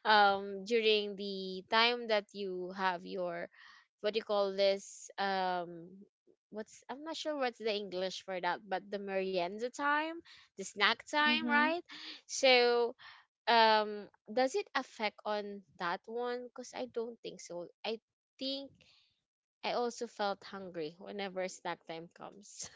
C: during the time that you have your, what do you call this, um, what's, I'm not sure what's the English for that, but the merienda time, the snack time,
A: Mhm.
C: right? So um, does it affect on that one? Because I don't think so. I think I also felt hungry whenever snack time comes.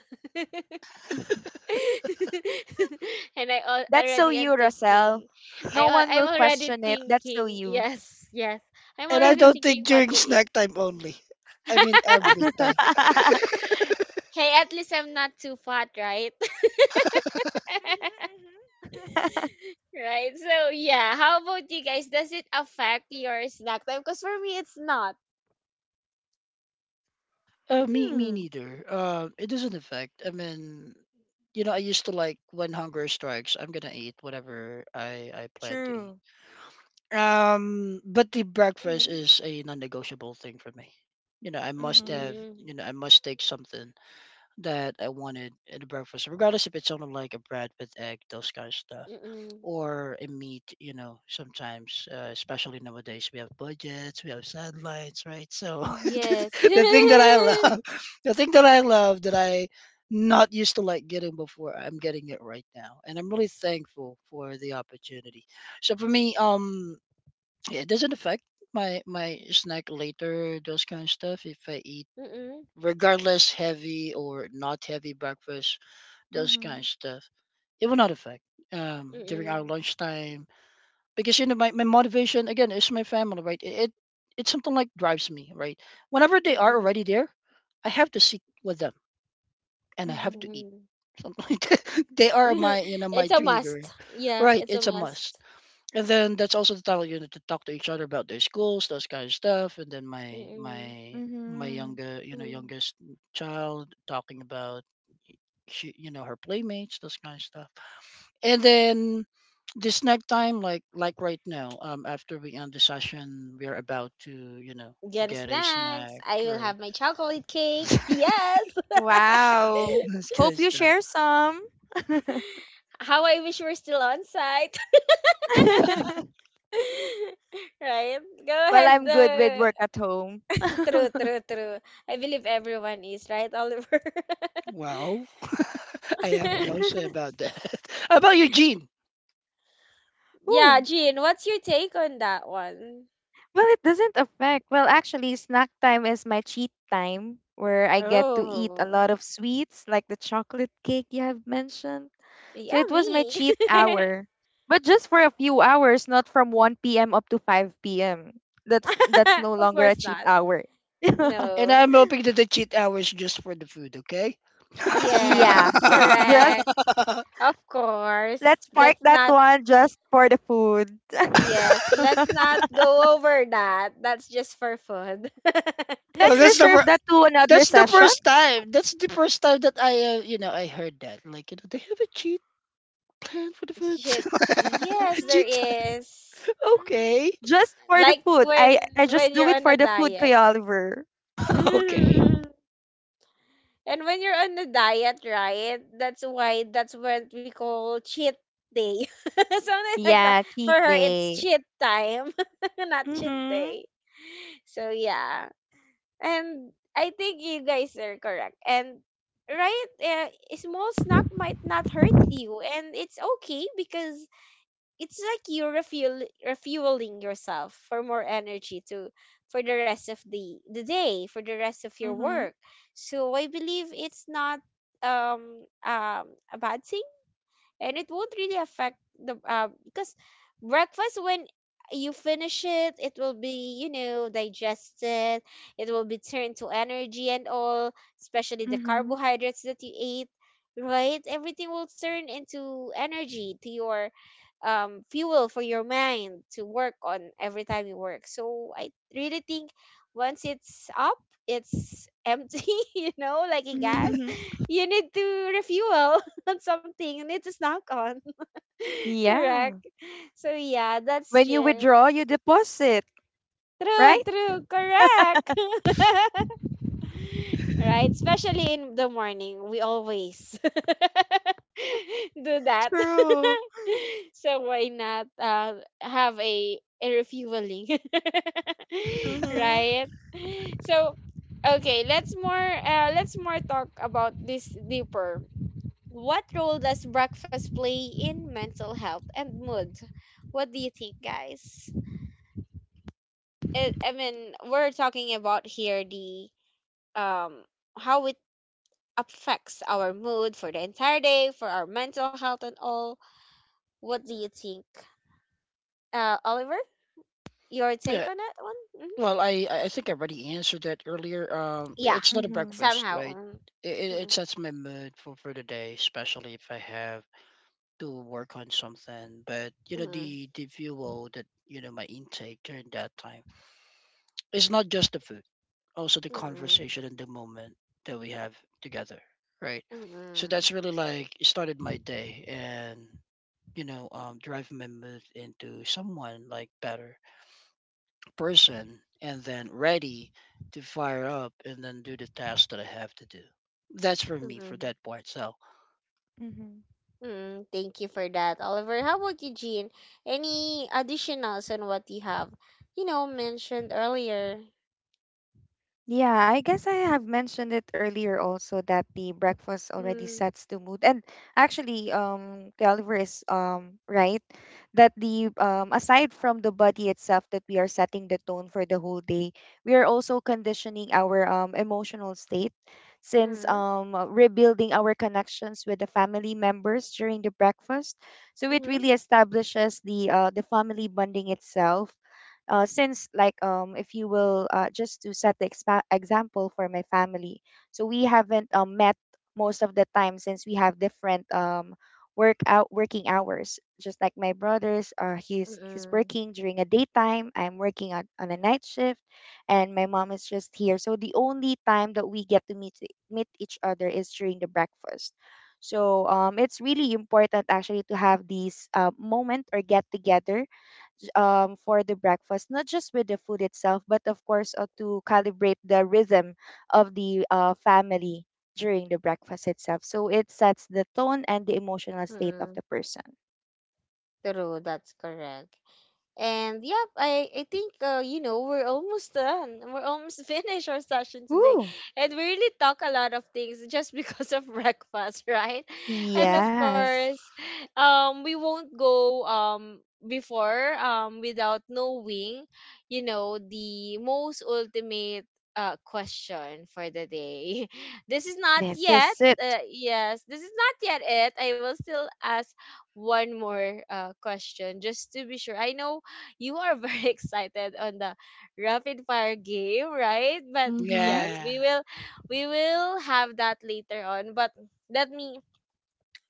C: And
A: That's so
C: already
A: you,
C: am
A: Rosel.
C: thinking,
A: No one
C: I'm
A: will
C: already
A: question it. That's so
C: thinking,
A: you.
C: yes, yes, I'm
B: And I
C: already
B: don't
C: thinking
B: think
C: what
B: during
C: to eat.
B: snack time only. I mean every
A: Mhm,
B: time.
A: mhm.
C: Hey, at least I'm not too fat, right? Right? So, yeah, how about you guys? Does it affect your snack time? Because for me, it's not.
B: Me
A: Hmm.
B: neither. It doesn't affect. I mean, you know, I used to like when hunger strikes, I'm gonna eat whatever I plan to eat.
A: True.
B: But the breakfast
C: Mm-hmm.
B: is a non-negotiable thing for me. You know, I must have.
A: Mm-hmm.
B: You
C: Mm-mm.
B: know, I must take something that I wanted in a breakfast, regardless if it's something like a bread with egg, those kind of stuff,
C: Mm-mm.
B: or a meat. You know, sometimes, especially nowadays, we have budgets, we have sidelines, right? So
A: Mm-hmm.
C: Yes.
B: the thing that I love, the thing that I love that I not used to like getting before, I'm getting it right now, and I'm really thankful for the opportunity. So for me, yeah, it doesn't affect my snack later, those kind of stuff. If I eat
C: Mm-mm.
B: regardless heavy or not heavy breakfast, those kind of
A: Mm-hmm.
B: stuff. It will not affect during our
C: Mm-mm.
B: lunchtime because you know my motivation again is my family, right? It, it's something like drives me, right? Whenever they are
C: Mm-mm.
B: already there, I have to sit with them and I have to
A: Mm-hmm.
B: eat
C: Mm-mm.
B: something like that. They are my you know
C: It's
B: my
C: a
B: trigger,
C: must. Yeah,
B: right?
C: it's a
B: It's a
C: must.
B: must. And then that's also the time you know to talk to each other about their schools, those kind of stuff. And then my
C: Mm-mm.
B: my my
A: Mm-hmm.
B: younger you know
C: Mm.
B: youngest child talking about she you know her playmates, those kind of stuff. And then this next time, like right now, after we end the session, we are about to you know
C: Get
B: get a
C: snacks.
B: snack,
C: I will
B: right?
C: have my chocolate cake. Yes.
A: Wow.
B: This kind
A: Hope
B: of
A: you
B: stuff.
A: share some.
C: How I wish we're still on site. Right? Go
A: Well,
C: ahead.
A: I'm good with work at home.
C: True, true, true. I believe everyone is, right, Oliver?
B: Well, I have no say about that. How about Eugene?
C: Yeah,
A: Ooh.
C: Jean, what's your take on that one?
A: Well, it doesn't affect. Well, actually, snack time is my cheat time where I get to eat a
C: Oh,
A: lot of sweets, like the chocolate cake you have mentioned.
C: yeah,
A: So it was my
C: me.
A: cheat hour, but just for a few hours, not from 1 p.m. up to 5 p.m. That's no
C: Of
A: longer a
C: course
A: cheat
C: not.
A: hour.
B: And
C: No.
B: I'm hoping that the cheat hours just for the food, okay?
C: Yes,
A: Yeah, just
C: correct. Of course.
A: let's
C: Let's
A: park that
C: not,
A: one just for the food.
C: yes, let's not go over that. That's just for fun.
B: Oh,
A: Let's reserve that to another
B: that's the
A: session.
B: first time. That's the first time that I you know I heard that. Like you know they have a cheat plan for the food.
C: Shit. Yes, there
B: Cheat
A: Mhm,
B: time.
C: is.
A: mhm.
B: Okay.
A: Just for the
C: Like
A: food. I just
C: when
A: do
C: you're
A: it
C: on
A: for
C: a
A: the food,
C: diet.
A: Kuya Oliver.
B: Okay.
C: And when you're on a diet, right? That's why that's what we call cheat day. Something like that.
A: Yeah,
C: For
A: cheat
C: her, it's
A: day.
C: cheat time, not cheat
A: Mhm.
C: day. So yeah. And I think you guys are correct. And right, a small snack might not hurt you, and it's okay, because it's like you're refueling yourself for more energy to, for the rest of the day, for the rest of your
A: Mhm.
C: work. So I believe it's not a bad thing, and it won't really affect the because breakfast, when you finish it, it will be, you know, digested, it will be turned to energy and all, especially
A: Mhm.
C: the
A: Mhm.
C: carbohydrates that you ate. Right, everything will turn into energy to your fuel for your mind to work on every time you work. So I really think once it's up, it's empty, you know, like a gas, you need to refuel. on something, and it is knock on.
A: Yeah.
C: Correct. So yeah, that's
A: When you
C: true.
A: withdraw, you deposit,
C: True,
A: right?
C: true, correct. Right? Especially in the morning. We always do that.
A: True.
C: So why not have a refueling?
A: Mhm.
C: Right? So okay, let's more talk about this deeper. What role does breakfast play in mental health and mood? What do you think, guys? It, I mean, we're talking about here the um, how it affects our mood for the entire day, for our mental health and all. What do you think, Oliver? Your take
B: Yeah.
C: on that one? Hmm.
B: Well, I think I already answered that earlier.
C: Yeah,
B: It's not a
A: Mhm.
B: breakfast,
C: somehow.
B: right? It, it
C: Mm-hmm.
B: it sets my mood for the day, especially if I have to work on something but you know
C: Mm-hmm.
B: the fuel that you know my intake during that time it's not just the food also the
C: Mm-hmm.
B: conversation and the moment that we have together, right? So
C: Mm-hmm.
B: that's really like it started my day and you know driving my mood into someone like better person and then ready to fire up and then do the task that I have to do. That's for me for
C: Mm-hmm.
B: that part. So
A: Mhm.
C: Mm, thank you for that, Oliver. How about you, Jean? Any additionals on what you have, you know, mentioned earlier?
A: Yeah, I guess I have mentioned it earlier also that the breakfast already
C: Mm,
A: sets the mood. And actually, Calver is right that the aside from the body itself that we are setting the tone for the whole day, we are also conditioning our emotional state since
C: mm,
A: rebuilding our connections with the family members during the breakfast. So it
C: mm-hmm,
A: really establishes the family bonding itself since like if you will just to set the example for my family, so we haven't met most of the time since we have different working hours, just like my brothers, he's
C: mm-mm,
A: working during a daytime, I'm working on a night shift, and my mom is just here, so the only time that we get to meet meet each other is during the breakfast, so it's really important actually to have these moment or get together for the breakfast, not just with the food itself, but of course to calibrate the rhythm of the family during the breakfast itself. So it sets the tone and the emotional state of
C: mm-mm.
A: the person.
C: True, that's correct. And yep, I think you know, we're almost done. We're almost finished our session today,
A: Ooh.
C: and we really talk a lot of things just because of breakfast, right? And of
A: Yes,
C: course, we won't go before without knowing, you know, the most ultimate question for the day. This is not
A: this
C: yet.
A: is it.
C: Yes, this is not yet it. I will still ask one more question just to be sure. I know you are very excited on the rapid fire game, right? But
A: Mm-hmm.
C: yes,
B: yeah.
C: we will have that later on. But let me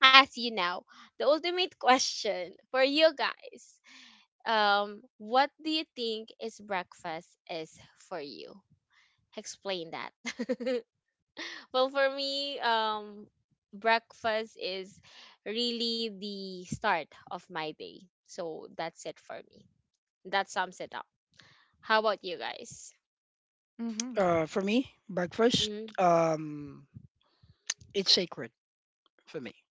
C: ask you now the ultimate question for you guys. What do you think is breakfast is for you? Explain that. Well, for me, breakfast is really the start of my day. So that's it for me. That sums it up. How about you guys?
A: Mm-hmm.
B: For me, breakfast,
C: Mm,
B: um it's sacred for me.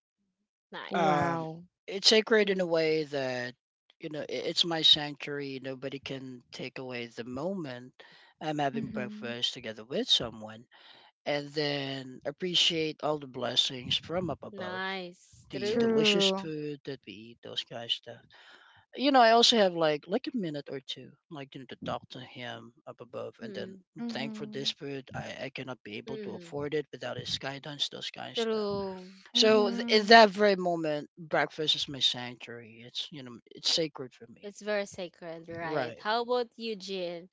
C: nice.
B: Um,
A: Wow,
B: it's sacred in
C: Mm,
B: a way that you know it's my sanctuary. Nobody can take away the moment I'm having
A: mm-hmm.
B: breakfast together with someone, and then appreciate all the blessings from up above.
C: nice.
B: The
C: True.
B: delicious
A: True.
B: food that we eat, those kind of stuff. You know, I also have like a minute or two, like you know, to talk to him up above, and then
C: Mm,
B: thank for
A: Mm-hmm.
B: this food. I cannot be able to
C: mm,
B: afford it without his guidance, those kind of stuff.
C: true.
B: So in
A: Mm-hmm.
B: that very moment, breakfast is my sanctuary. It's you know it's sacred for me.
C: It's very sacred, right?
B: Right.
C: How about you, Jin?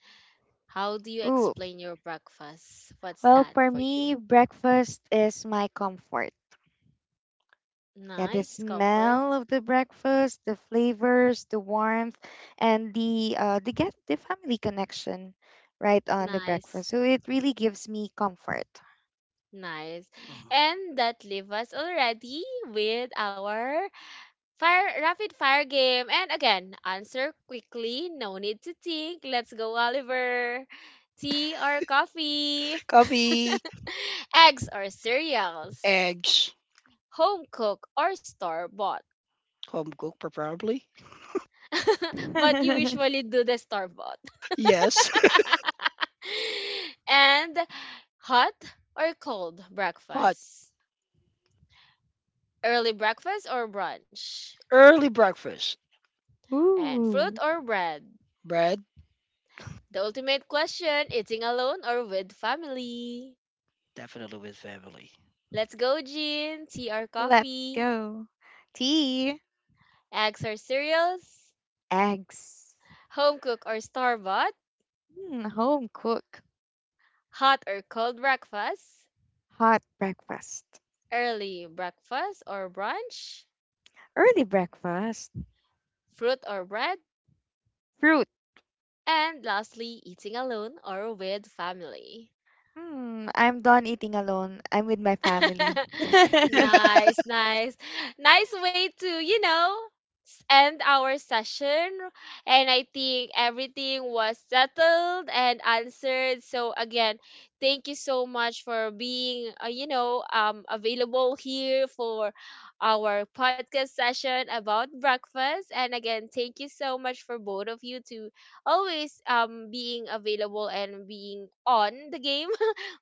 C: How do you
A: Ooh.
C: explain your breakfast? What's
A: Well,
C: that
A: for
C: for you?
A: me, breakfast is my comfort. Yeah, the
C: Nice comfort.
A: smell of the breakfast, the flavors, the warmth, and the get the family connection right on the
C: Nice.
A: breakfast. So it really gives me comfort.
C: Nice.
B: Mhm.
C: And that leaves us already with our fire rapid fire game. And again, answer quickly. No need to think. Let's go, Oliver. Tea or coffee?
B: Coffee,
C: Eggs or cereals,
B: eggs,
C: home cooked or store bought.
B: home cooked preferably.
C: But you usually do the store bought.
B: Yes.
C: And hot or cold
B: Hot
C: breakfast, early breakfast or brunch,
B: early breakfast.
C: and fruit
A: Ooh,
C: or bread.
B: Bread,
C: The ultimate question, eating alone or with family.
B: definitely with family.
C: Let's go, Jean. Tea or
A: let's
C: coffee?
A: go. Tea.
C: Eggs or cereals?
A: Eggs,
C: Home cook or store bought?
A: mm, home cook,
C: Hot or cold breakfast?
A: hot breakfast,
C: Early breakfast or brunch,
A: early breakfast,
C: fruit or bread,
A: fruit.
C: and lastly, eating alone or with family.
A: Hmm, I'm done eating alone. I'm with my family.
C: Nice, nice. Nice way to, you know, end our session. And I think everything was settled and answered. So again, thank you so much for being, you know, um, available here for our podcast session about breakfast. And again, thank you so much for both of you to always being available and being on the game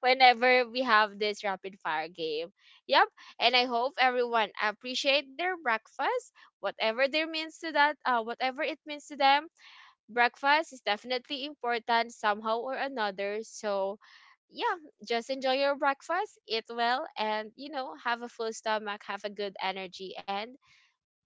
C: whenever we have this rapid fire game. Yep. And I hope everyone appreciate their breakfast, whatever their means to that, whatever it means to them. Breakfast is definitely important somehow or another. So yeah, just enjoy your breakfast, eat well, and you know, have a full stomach, have a good energy, and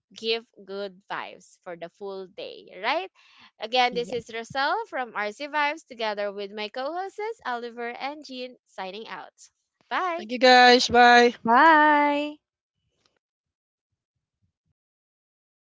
C: give good vibes for the full day, right? Again, this is
A: Yes.
C: Roselle from RC Vibes together with my co-hosts Oliver and Jean signing out. Bye!
B: Thank you guys. Bye.
A: Bye.
C: Naraos